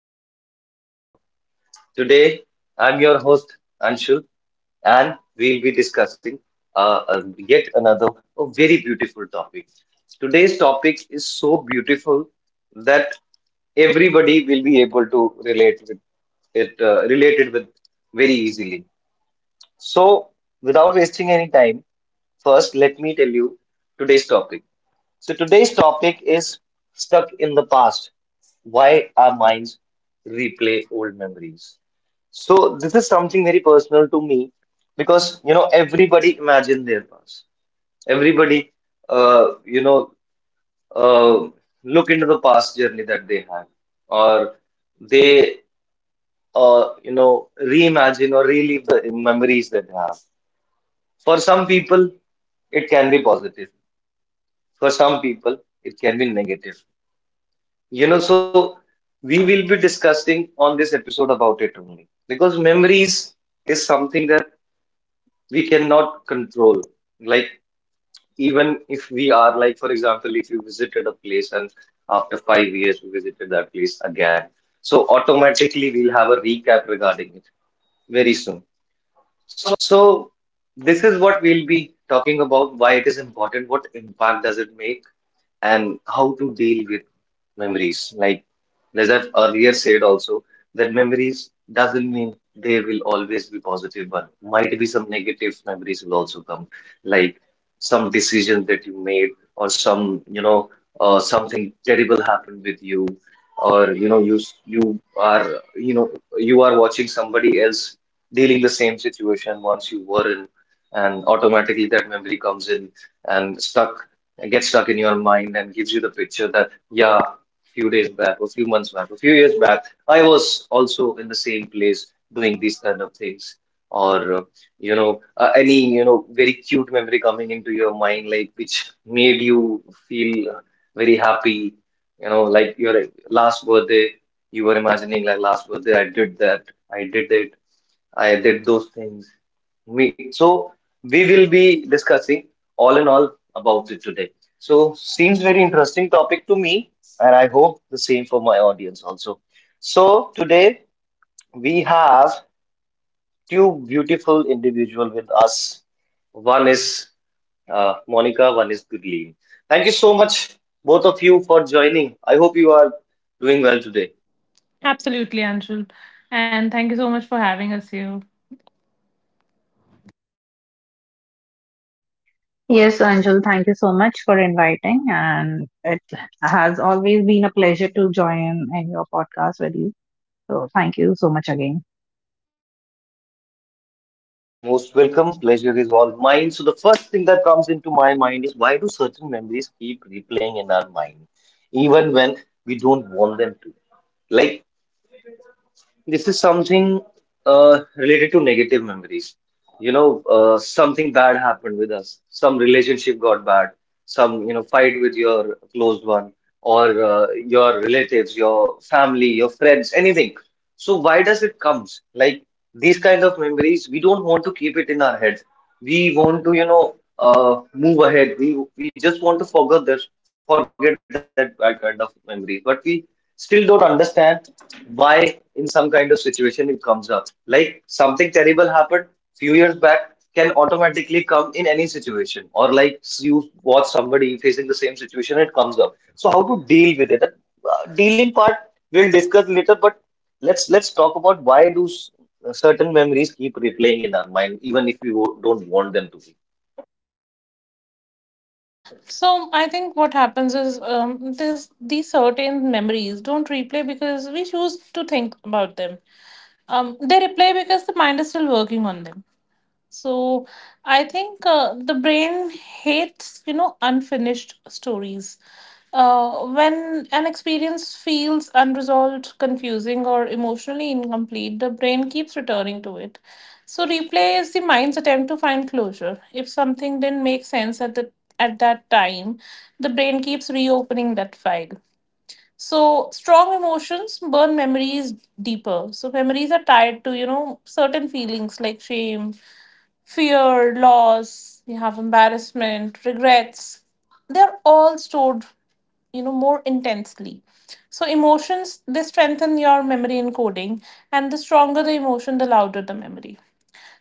back to the 5 p.m. talk. Today, I'm your host Anshul, and we'll be discussing uh, uh, yet another a very beautiful topic. Today's topic is so beautiful that everybody will be able to relate with it, related with very easily. So, without wasting any time, first let me tell you today's topic. So today's topic is stuck in the past. Why our minds replay old memories. So this is something very personal to me because you know everybody imagine their past. Everybody uh, you know uh, look into the past journey that they had or they reimagine or relive the memories that they have. For some people, it can be positive. For some people, it can be negative. You know, so we will be discussing on this episode about it only because memories is something that we cannot control. Like, even if we are, like, for example, if you visited a place and after 5 years we visited that place again, so automatically we'll have a recap regarding it very soon. So, this is what we'll be talking about why it is important, what impact does it make and how to deal with memories. Like Najat earlier said also that memories doesn't mean they will always be positive one. Might be some negative memories will also come, like some decision that you made or some, you know, something terrible happened with you or you know you are you know you are watching somebody else dealing the same situation once you were in and automatically that memory comes in and stuck get stuck in your mind and gives you the picture that, yeah, a few months back, a few years back, I was also in the same place doing these kind of things. Or very cute memory coming into your mind, like which made you feel very happy, you know, like your last birthday, you were imagining, like, last birthday, I did that, I did it, I did those things we so we will be discussing all in all about it today. So seems very interesting topic to me, and I hope the same for my audience also. So today we have two beautiful individual with us. One is Monica, one is Gurleen. Thank you so much, both of you, for joining. I hope you are doing well today. Absolutely, Anshul. And thank you so much for having us here. Yes, Anjul, thank you so much for inviting, and it has always been a pleasure to join in your podcast with you. So, thank you so much again. Most welcome. Pleasure is all mine. So, the first thing that comes into my mind is why do certain memories keep replaying in our mind, even when we don't want them to? Like. This is something related to negative memories. You know, something bad happened with us. Some relationship got bad. Some, you know, fight with your close one or your relatives, your family, your friends, anything. So why does it comes? Like these kind of memories, we don't want to keep it in our head. We want to, you know, move ahead. We just want to forget this, forget that bad kind of memory. But we still don't understand why in some kind of situation it comes up like something terrible happened few years back can automatically come in any situation or like you watch somebody facing the same situation it comes up so how to deal with it. That, dealing part we'll discuss later but let's talk about why do certain memories keep replaying in our mind even if we don't want them to. So I think what happens is this these certain memories don't replay because we choose to think about them. They replay because the mind is still working on them. So I think the brain hates, unfinished stories. When an experience feels unresolved, confusing, or emotionally incomplete, the brain keeps returning to it. So replay is the mind's attempt to find closure. If something didn't make sense at the at that time, the brain keeps reopening that file. So strong emotions burn memories deeper. So memories are tied to certain feelings like shame, fear, loss, we have embarrassment, regrets. They're all stored, more intensely. So emotions, they strengthen your memory encoding, and the stronger the emotion, the louder the memory.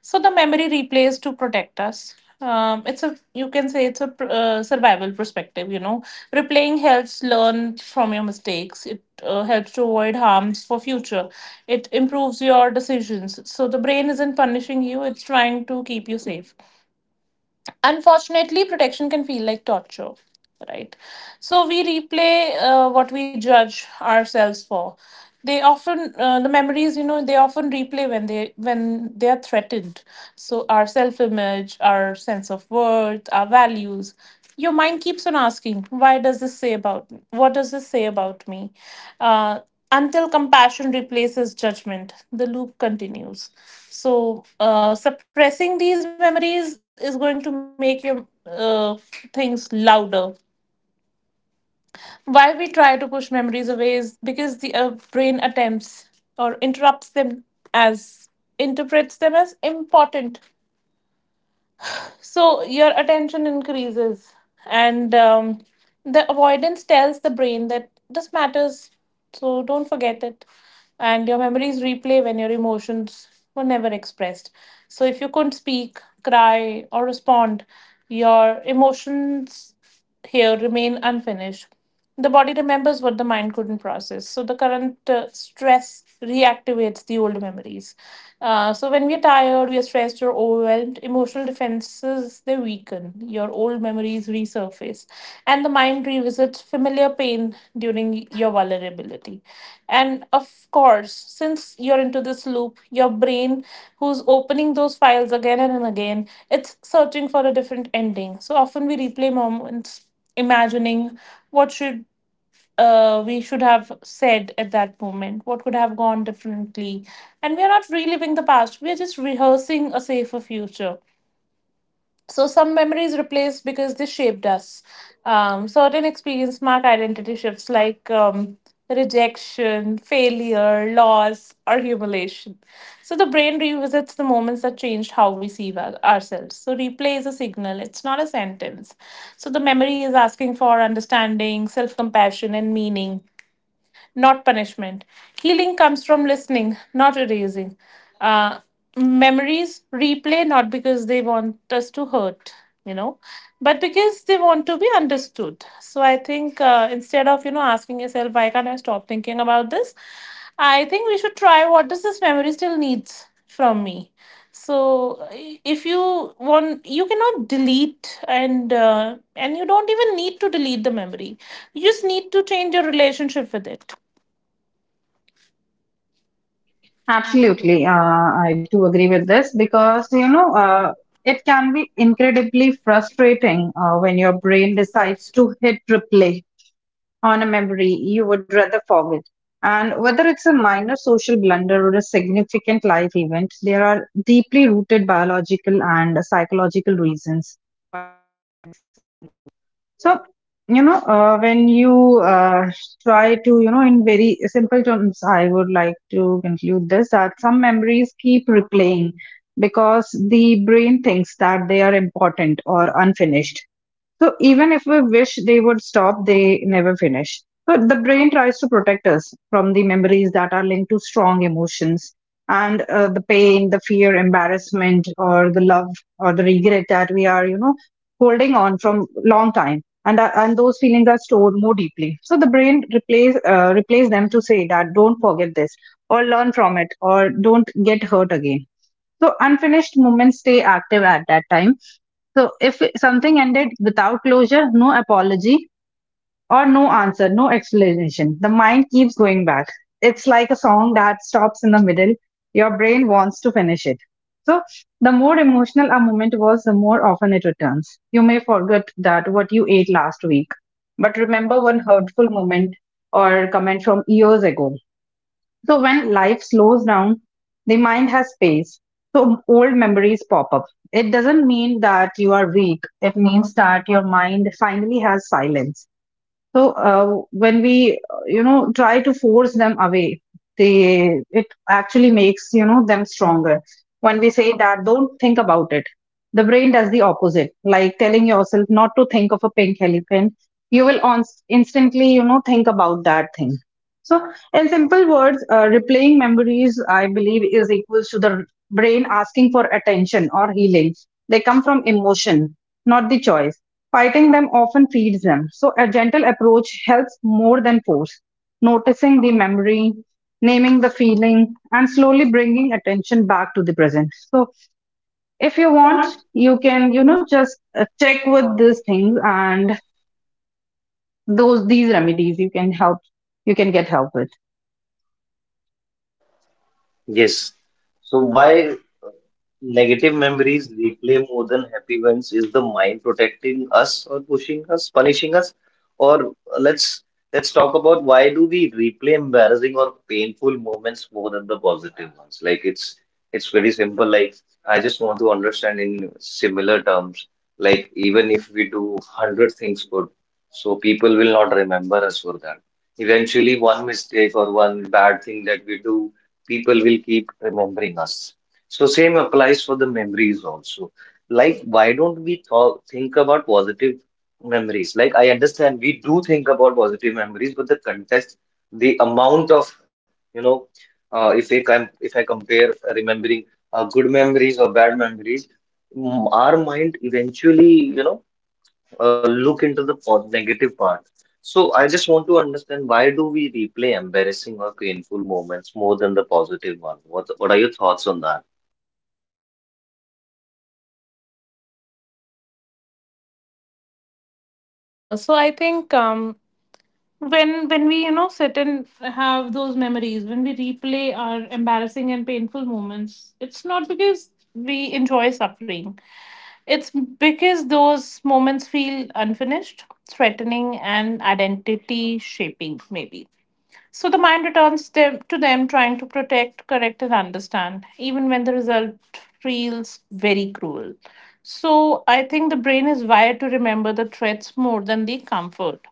So the memory replays to protect us. It's a you can say it's a survival perspective. Replaying helps learn from your mistakes. It helps to avoid harms for future. It improves your decisions. So the brain isn't punishing you; it's trying to keep you safe. Unfortunately, protection can feel like torture, right? So we replay what we judge ourselves for. The memories, they often replay when they are threatened. So our self-image, our sense of worth, our values. Your mind keeps on asking, "Why does this say about me? What does this say about me?" Uh, until compassion replaces judgment, the loop continues. So suppressing these memories is going to make your things louder. Why we try to push memories away is because the brain attempts or interrupts them as interprets them as important. So your attention increases, and the avoidance tells the brain that this matters, so don't forget it. And your memories replay when your emotions were never expressed. So if you couldn't speak, cry, or respond, your emotions here remain unfinished. The body remembers what the mind couldn't process. So the current stress reactivates the old memories. So when we are tired, we are stressed or overwhelmed, emotional defenses they weaken. Your old memories resurface, and the mind revisits familiar pain during your vulnerability. And of course, since you're into this loop, your brain, who's opening those files again and again, it's searching for a different ending. So often we replay moments, imagining what should. We should have said at that moment what could have gone differently, and we are not reliving the past, we are just rehearsing a safer future. So some memories replaced because they shaped us. Certain experience mark identity shifts like rejection, failure, loss, or humiliation. So the brain revisits the moments that changed how we see ourselves. So replay is a signal; it's not a sentence. So the memory is asking for understanding, self-compassion, and meaning, not punishment. Healing comes from listening, not erasing. Uh, Memories replay not because they want us to hurt, you know, but because they want to be understood. So I think instead of asking yourself, why can't I stop thinking about this? I think we should try, what does this memory still needs from me? So if you want, you cannot delete, and you don't even need to delete the memory. You just need to change your relationship with it. Absolutely, I too agree with this because you know it can be incredibly frustrating when your brain decides to hit replay on a memory you would rather forget. And whether it's a minor social blunder or a significant life event, there are deeply rooted biological and psychological reasons. So, you know, when you try to, you know, in very simple terms, I would like to conclude this that some memories keep replaying because the brain thinks that they are important or unfinished. So even if we wish they would stop, they never finish. So the brain tries to protect us from the memories that are linked to strong emotions and the pain, the fear, embarrassment, or the love or the regret that we are, you know, holding on from long time. And those feelings are stored more deeply. So the brain replace them to say that don't forget this or learn from it or don't get hurt again. So unfinished moments stay active at that time, so if something ended without closure, no apology or no answer, no explanation, the mind keeps going back. It's like a song that stops in the middle. Your brain wants to finish it. So the more emotional a moment was, the more often it returns. You may forget that what you ate last week, but remember one hurtful moment or comment from years ago. So when life slows down, the mind has space. So old memories pop up. It doesn't mean that you are weak. It means that your mind finally has silence. So when we, you know, try to force them away, they it actually makes you know them stronger. When we say that, don't think about it, the brain does the opposite. Like telling yourself not to think of a pink elephant, you will on- instantly, you know, think about that thing. So, in simple words, replaying memories, I believe, is equals to the brain asking for attention or healing. They come from emotion, not the choice. Fighting them often feeds them. So, a gentle approach helps more than force. Noticing the memory, naming the feeling, and slowly bringing attention back to the present. So, if you want, you can, you know, just check with these things and those these remedies you can help. You can get help with. Yes. So why uh, negative memories replay more than happy ones? Is the mind protecting us or pushing us, punishing us? Or Let's talk about why do we replay embarrassing or painful moments more than the positive ones? Like it's very simple. Like I just want to understand in similar terms. Like even if we do hundred things good, so people will not remember us for that. Eventually, one mistake or one bad thing that we do people will keep remembering us. So same applies for the memories also. Like why don't we think about positive memories? Like I understand we do think about positive memories, but the context, the amount of you know, if I compare remembering good memories or bad memories, our mind eventually you know look into the negative part. So I just want to understand why do we replay embarrassing or painful moments more than the positive one? What are your thoughts on that? So I think, when we sit and have those memories, when we replay our embarrassing and painful moments, it's not because we enjoy suffering. It's because those moments feel unfinished, threatening, and identity shaping, maybe. So the mind returns them to them, trying to protect, correct, and understand, even when the result feels very cruel. So I think the brain is wired to remember the threats more than the comfort.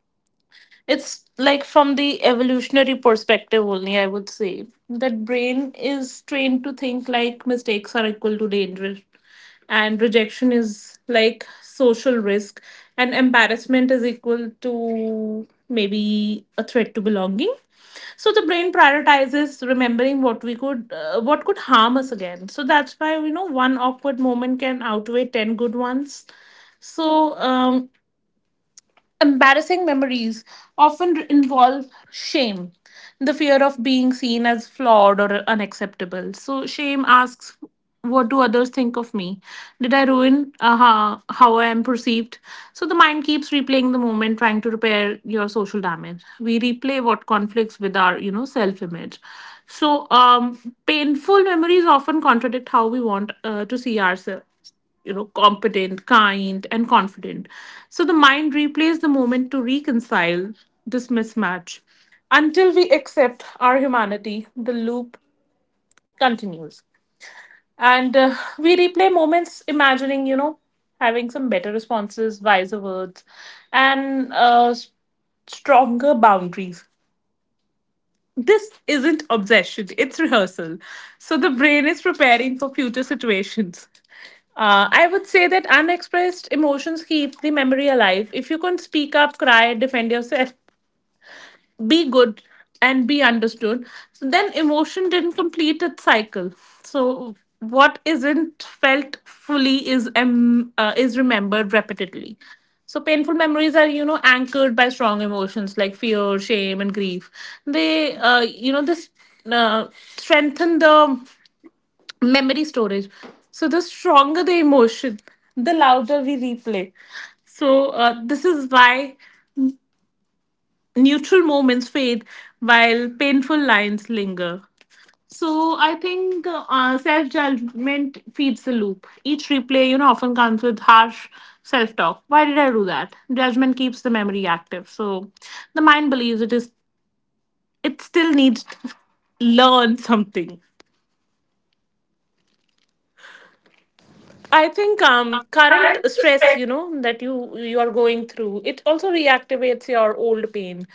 It's like, from the evolutionary perspective only, I would say that brain is trained to think like mistakes are equal to danger, and rejection is like social risk, and embarrassment is equal to maybe a threat to belonging. So the brain prioritizes remembering what could harm us again. So that's why, one awkward moment can outweigh 10 good ones. So embarrassing memories often involve shame, the fear of being seen as flawed or unacceptable. So, shame asks, what do others think of me? Did I ruin how I am perceived? So, the mind keeps replaying the moment, trying to repair your social damage. We replay what conflicts with our self image. So, painful memories often contradict how we want to see ourselves, competent, kind and confident. So the mind replays the moment to reconcile this mismatch. Until we accept our humanity, the loop continues. And we replay moments, imagining having some better responses, wiser words, and stronger boundaries. This isn't obsession, it's rehearsal. So the brain is preparing for future situations. I would say that unexpressed emotions keep the memory alive. If you can speak up, cry, defend yourself, be good, and be understood, so then emotion didn't complete its cycle. So what isn't felt fully is remembered repeatedly. So painful memories are, anchored by strong emotions like fear, shame and grief. They, you know this uh, strengthen the memory storage. So the stronger the emotion, the louder we replay. So this is why neutral moments fade while painful lines linger. So I think self judgment feeds the loop. Each replay, often comes with harsh self talk. Why did I do that? Judgment keeps the memory active. So the mind believes it still needs to learn something. I think, current stress, that you are going through, it also reactivates your old pain.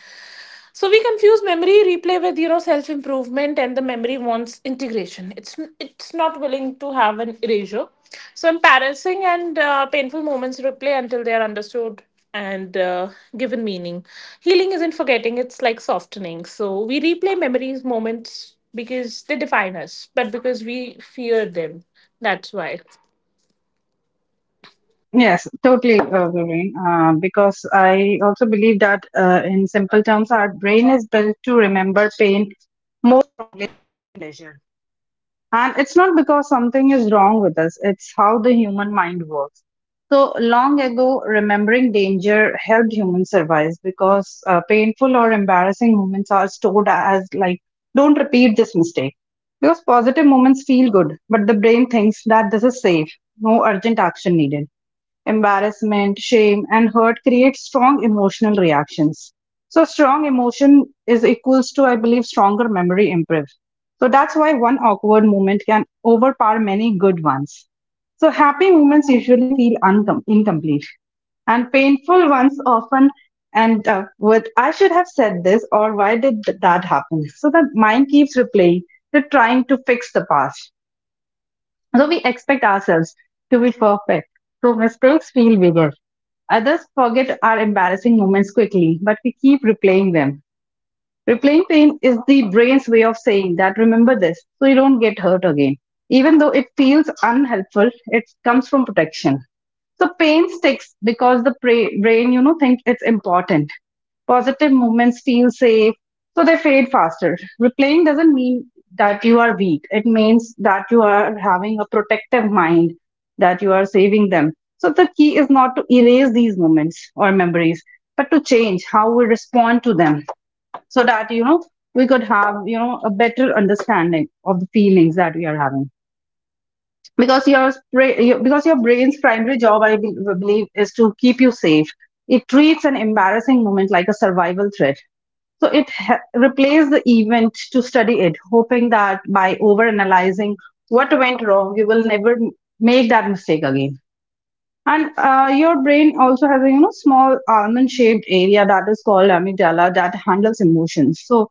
So we confuse memory replay with self improvement, and the memory wants integration. It's not willing to have an erasure. So embarrassing and painful moments replay until they are understood and given meaning. Healing isn't forgetting; it's like softening. So we replay memories, moments, because they define us, but because we fear them. That's why. Yes, totally, Doreen. Because I also believe that, in simple terms, our brain is built to remember pain more than pleasure. And it's not because something is wrong with us, it's how the human mind works. So, long ago, remembering danger helped humans survive because painful or embarrassing moments are stored as like, don't repeat this mistake. Because positive moments feel good, but the brain thinks that this is safe, no urgent action needed. Embarrassment, shame, and hurt create strong emotional reactions. So, strong emotion is equals to, I believe, stronger memory improve. So, that's why one awkward moment can overpower many good ones. So, happy moments usually feel incomplete, and painful ones often end up with, I should have said this, or why did that happen? So, the mind keeps replaying, they're trying to fix the past. So we expect ourselves to be perfect. So mistakes feel bigger. Others forget our embarrassing moments quickly, but we keep replaying them. Replaying pain is the brain's way of saying that remember this so you don't get hurt again. Even though it feels unhelpful, it comes from protection. So pain sticks because the brain, you know, think it's important. Positive movements feel safe, so they fade faster. Replaying doesn't mean that you are weak. It means that you are having a protective mind, that you are saving them. So the key is not to erase these moments or memories, but to change how we respond to them, so that you know we could have you know a better understanding of the feelings that we are having. Because your brain's primary job I believe is to keep you safe. It treats an embarrassing moment like a survival threat, so it replaces the event to study it, hoping that by over analyzing what went wrong you will never make that mistake again. And your brain also has a you know small almond shaped area that is called amygdala that handles emotions. So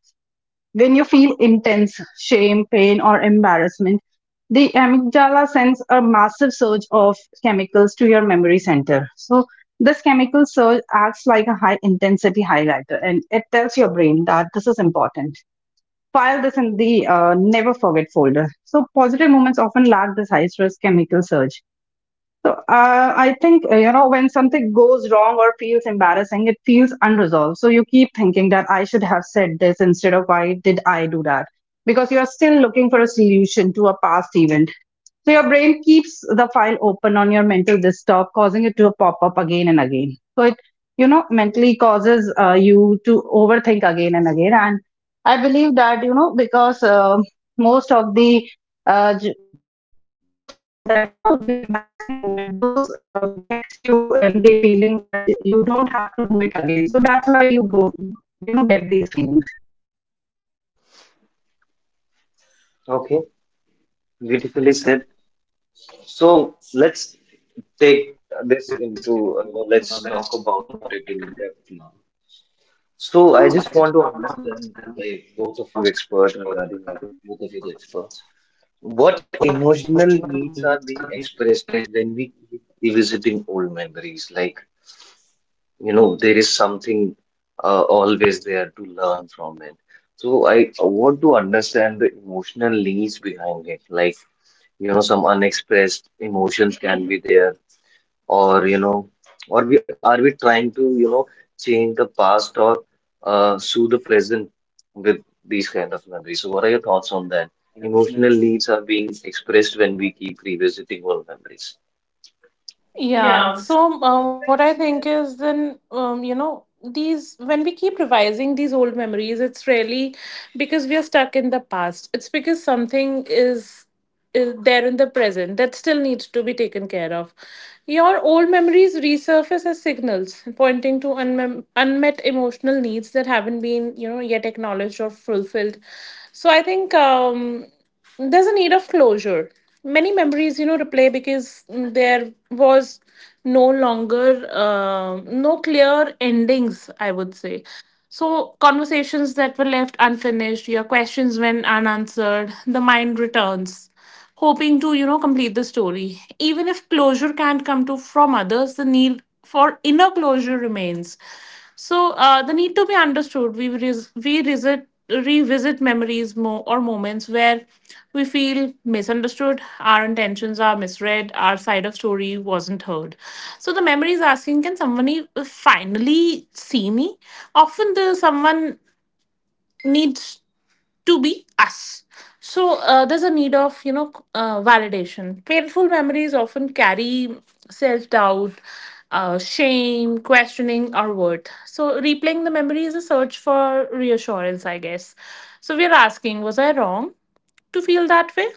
when you feel intense shame, pain, or embarrassment, the amygdala sends a massive surge of chemicals to your memory center. So, this chemical surge acts like a high intensity highlighter and it tells your brain that this is important. File this in the never forget folder. So, positive moments often lack this high stress chemical surge. So I think you know when something goes wrong or feels embarrassing, it feels unresolved. So you keep thinking that I should have said this instead of why did I do that? Because you are still looking for a solution to a past event. So your brain keeps the file open on your mental desktop, causing it to pop up again and again. So it you know mentally causes you to overthink again and again. And I believe that you know because most of the uh, those feelings that you know the embarrassing moment those gets you in the feeling that you don't have to do it again, so that's why you go you know get these feelings Okay, beautifully said. So let's take this into let's talk about it in depth now. So I just want to understand like both of you expert regarding it, both of you the experts. What emotional needs are being expressed when we keep revisiting old memories? Like you know there is something always there to learn from it, so I want to understand the emotional needs behind it, like you know some unexpressed emotions can be there or you know or we trying to you know change the past or sue the present with these kind of memories, so what are your thoughts on that? Emotional needs are being expressed when we keep revisiting old memories. Yeah. So what I think is, then, you know these when we keep revising these old memories, it's really because we are stuck in the past. It's because something is there in the present that still needs to be taken care of. Your old memories resurface as signals pointing to unmet emotional needs that haven't been, yet acknowledged or fulfilled. So I think. There's a need of closure. Many memories, replay because, there was no longer, no clear endings, I would say. So conversations that were left unfinished, your questions went unanswered, the mind returns hoping to, complete the story. Even if closure can't come to from others, the need for inner closure remains. So the need to be understood, we revisit memories, or moments where we feel misunderstood, our intentions are misread, our side of story wasn't heard. So the memory is asking, can someone finally see me? Often the someone needs to be us. So there's a need of, validation. Painful memories often carry self-doubt, shame, questioning our worth. So replaying the memory is a search for reassurance, I guess. So we're asking, was I wrong to feel that way?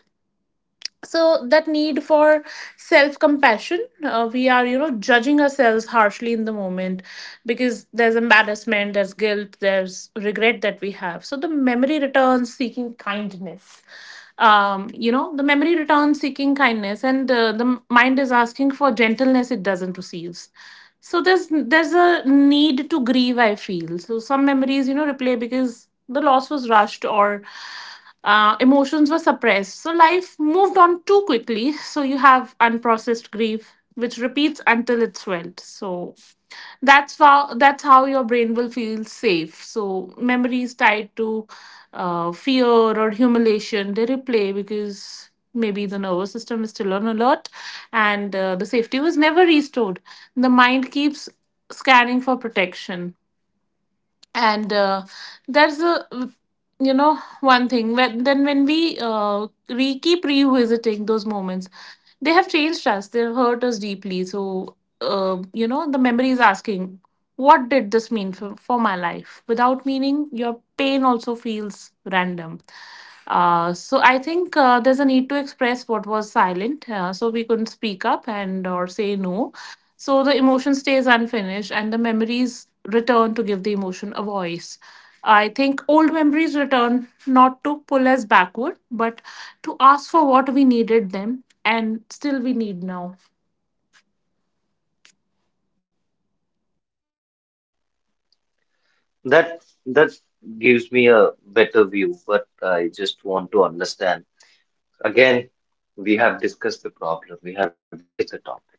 So that need for self compassion, we are, judging ourselves harshly in the moment, because there's embarrassment, there's guilt, there's regret that we have, so the memory returns seeking kindness. The memory returns seeking kindness, and the mind is asking for gentleness it doesn't receive. So there's a need to grieve, I feel. So some memories, replay because the loss was rushed, or emotions were suppressed. So life moved on too quickly. So you have unprocessed grief, which repeats until it's felt. So that's how your brain will feel safe. So memories tied to fear or humiliation, they replay because maybe the nervous system is still on alert, and the safety was never restored. The mind keeps scanning for protection. And that's a, one thing, when we keep revisiting those moments, they have changed us, they've hurt us deeply. So the memory is asking, what did this mean for my life? Without meaning, your pain also feels random. So I think, there's a need to express what was silent. So we couldn't speak up and or say no, so the emotion stays unfinished and the memories return to give the emotion a voice. I think old memories return not to pull us backward, but to ask for what we needed them and still we need now. That that gives me a better view, but I just want to understand. Again, we have discussed the problem, we have discussed the topic.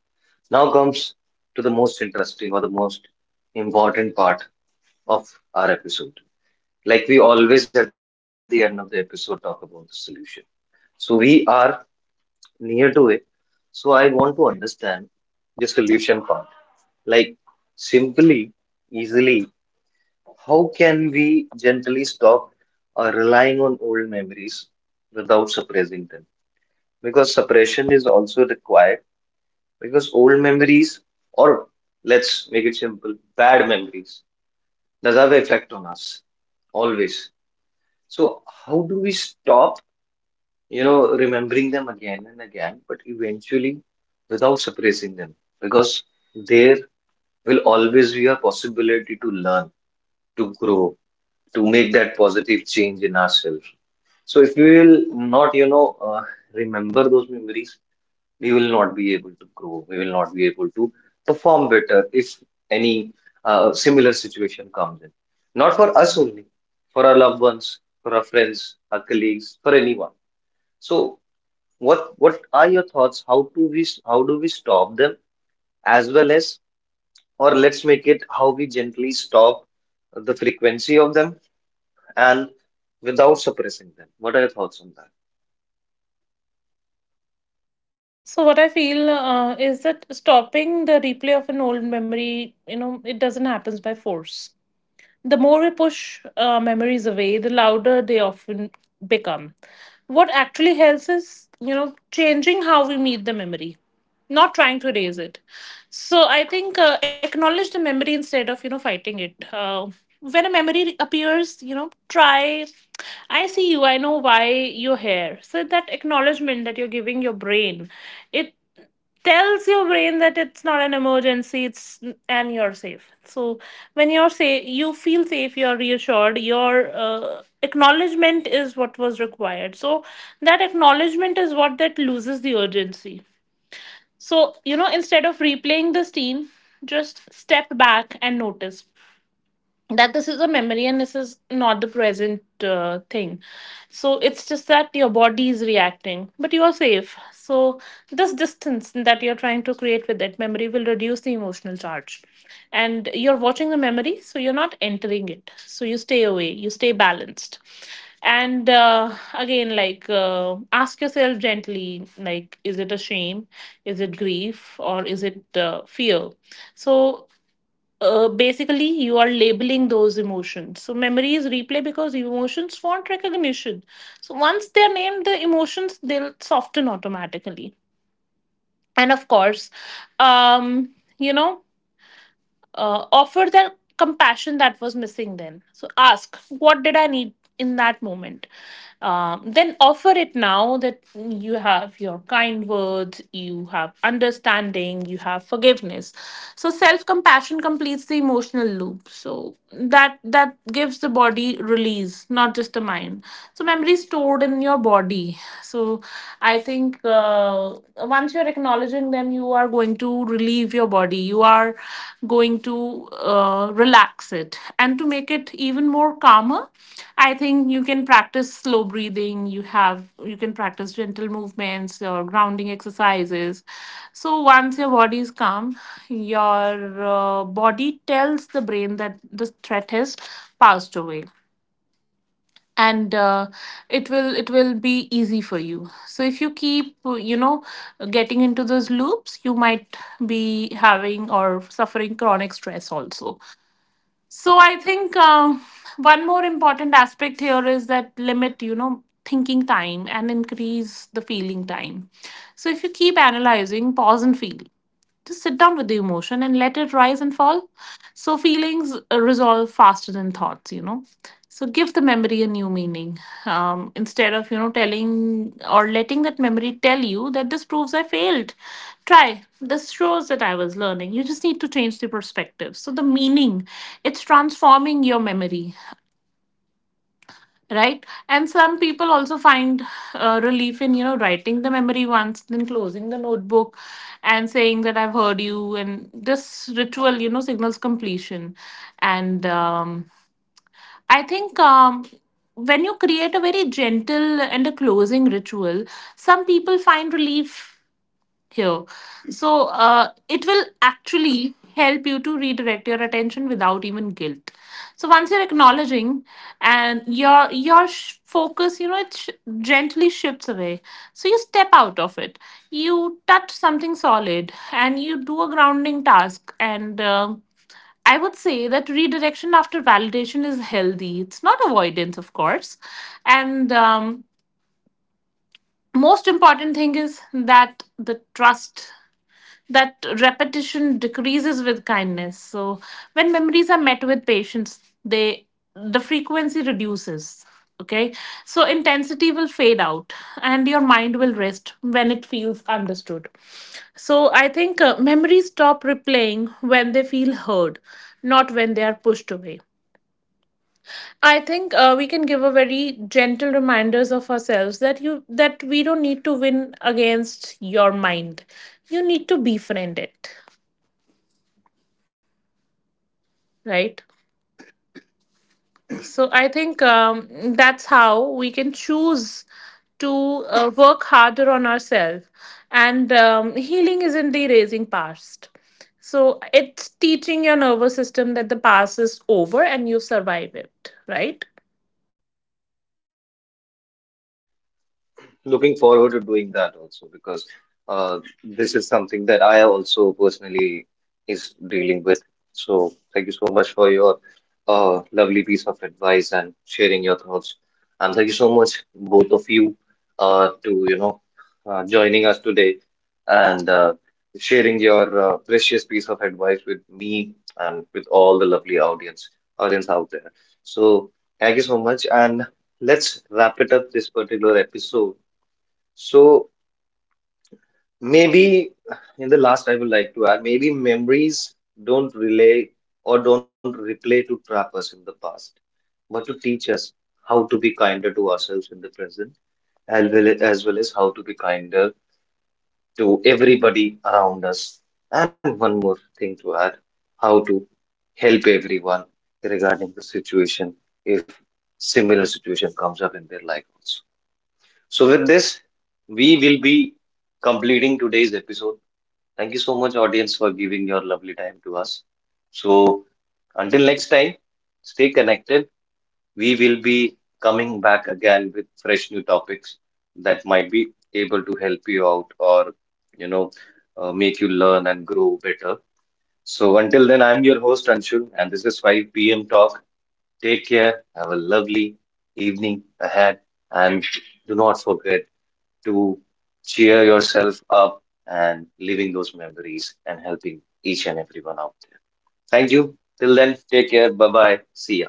Now comes to the most interesting or the most important part of our episode. Like we always at the end of the episode talk about the solution. So we are near to it. So I want to understand the solution part. Like simply, easily. How can we gently stop relying on old memories without suppressing them? Because suppression is also required. Because old memories, or let's make it simple, bad memories, does have effect on us always. So how do we stop, you know, remembering them again and again, but eventually without suppressing them? Because there will always be a possibility to learn, to grow, to make that positive change in ourselves. So if we will not, you know, remember those memories, we will not be able to grow. We will not be able to perform better if any similar situation comes in. Not for us only, for our loved ones, for our friends, our colleagues, for anyone. So what are your thoughts? How do we stop them as well as, or let's make it how we gently stop the frequency of them and without suppressing them. What are your thoughts on that? So what I feel is that stopping the replay of an old memory, you know, it doesn't happen by force. The more we push memories away, the louder they often become. What actually helps is, you know, changing how we meet the memory, not trying to erase it. So I think acknowledge the memory instead of, you know, fighting it. When a memory appears, you know, try, I see you, I know why you're here. So that acknowledgement that you're giving your brain, it tells your brain that it's not an emergency, it's and you're safe. So when you're safe, you feel safe, you're reassured. Your acknowledgement is what was required, so that acknowledgement is what that loses the urgency. So, you know, instead of replaying the scene, just step back and notice that this is a memory and this is not the present thing. So it's just that your body is reacting, but you are safe. So this distance that you're trying to create with that memory will reduce the emotional charge, and you're watching the memory, so you're not entering it, so you stay away, you stay balanced. And again, like ask yourself gently, like, is it a shame, is it grief, or is it fear? So basically you are labeling those emotions. So memories replay because emotions want recognition. So once they're named, the emotions, they'll soften automatically. And of course, um you know, offer that compassion that was missing then. So ask, what did I need in that moment? Then offer it now that you have your kind words, you have understanding, you have forgiveness. So self compassion completes the emotional loop. So that gives the body release, not just the mind. So memory stored in your body. So I think once you're acknowledging them, you are going to relieve your body. You are going to relax it. And to make it even more calmer, I think you can practice slow breathing. You can practice gentle movements or grounding exercises. So once your body is calm, your body tells the brain that the threat has passed away, and it will be easy for you. So if you keep, you know, getting into those loops, you might be having or suffering chronic stress also. So I think one more important aspect here is that limit, you know, thinking time and increase the feeling time. So if you keep analyzing, pause and feel. Just sit down with the emotion and let it rise and fall. So feelings resolve faster than thoughts, you know. So give the memory a new meaning. Instead of, you know, telling or letting that memory tell you that this proves I failed. Try. This shows that I was learning. You just need to change the perspective. So the meaning, it's transforming your memory, right? And some people also find relief in, you know, writing the memory once, then closing the notebook and saying that I've heard you, and this ritual, you know, signals completion. And I think when you create a very gentle and a closing ritual, some people find relief here. So it will actually help you to redirect your attention without even guilt. So once you're acknowledging, and your focus, you know, it gently shifts away. So you step out of it. You touch something solid and you do a grounding task and. I would say that redirection after validation is healthy. It's not avoidance, of course. And most important thing is that the trust that repetition decreases with kindness. So when memories are met with patience, the frequency reduces. Okay, so intensity will fade out, and your mind will rest when it feels understood. So I think memories stop replaying when they feel heard, not when they are pushed away. I think we can give a very gentle reminders of ourselves that you that we don't need to win against your mind. You need to befriend it. Right? So I think that's how we can choose to work harder on ourselves. And healing isn't erasing past. So it's teaching your nervous system that the past is over and you survive it, right? Looking forward to doing that also because this is something that I also personally is dealing with. So thank you so much for your lovely piece of advice and sharing your thoughts. And thank you so much, both of you, to joining us today and sharing your precious piece of advice with me and with all the lovely audience out there. So thank you so much, and let's wrap it up this particular episode so maybe in the last, I would like to add, maybe memories don't relay or don't replay to trap us in the past, but to teach us how to be kinder to ourselves in the present, as well as well as how to be kinder to everybody around us. And one more thing to add, how to help everyone regarding the situation if similar situation comes up in their life also. So with this, we will be completing today's episode. Thank you so much, audience, for giving your lovely time to us. So, until next time, stay connected. We will be coming back again with fresh new topics that might be able to help you out or, you know, make you learn and grow better. So, until then, I'm your host, Anshul, and this is 5 p.m. Talk. Take care. Have a lovely evening ahead. And do not forget to cheer yourself up and living those memories and helping each and everyone out there. Thank you. Till then, take care. Bye bye. See ya.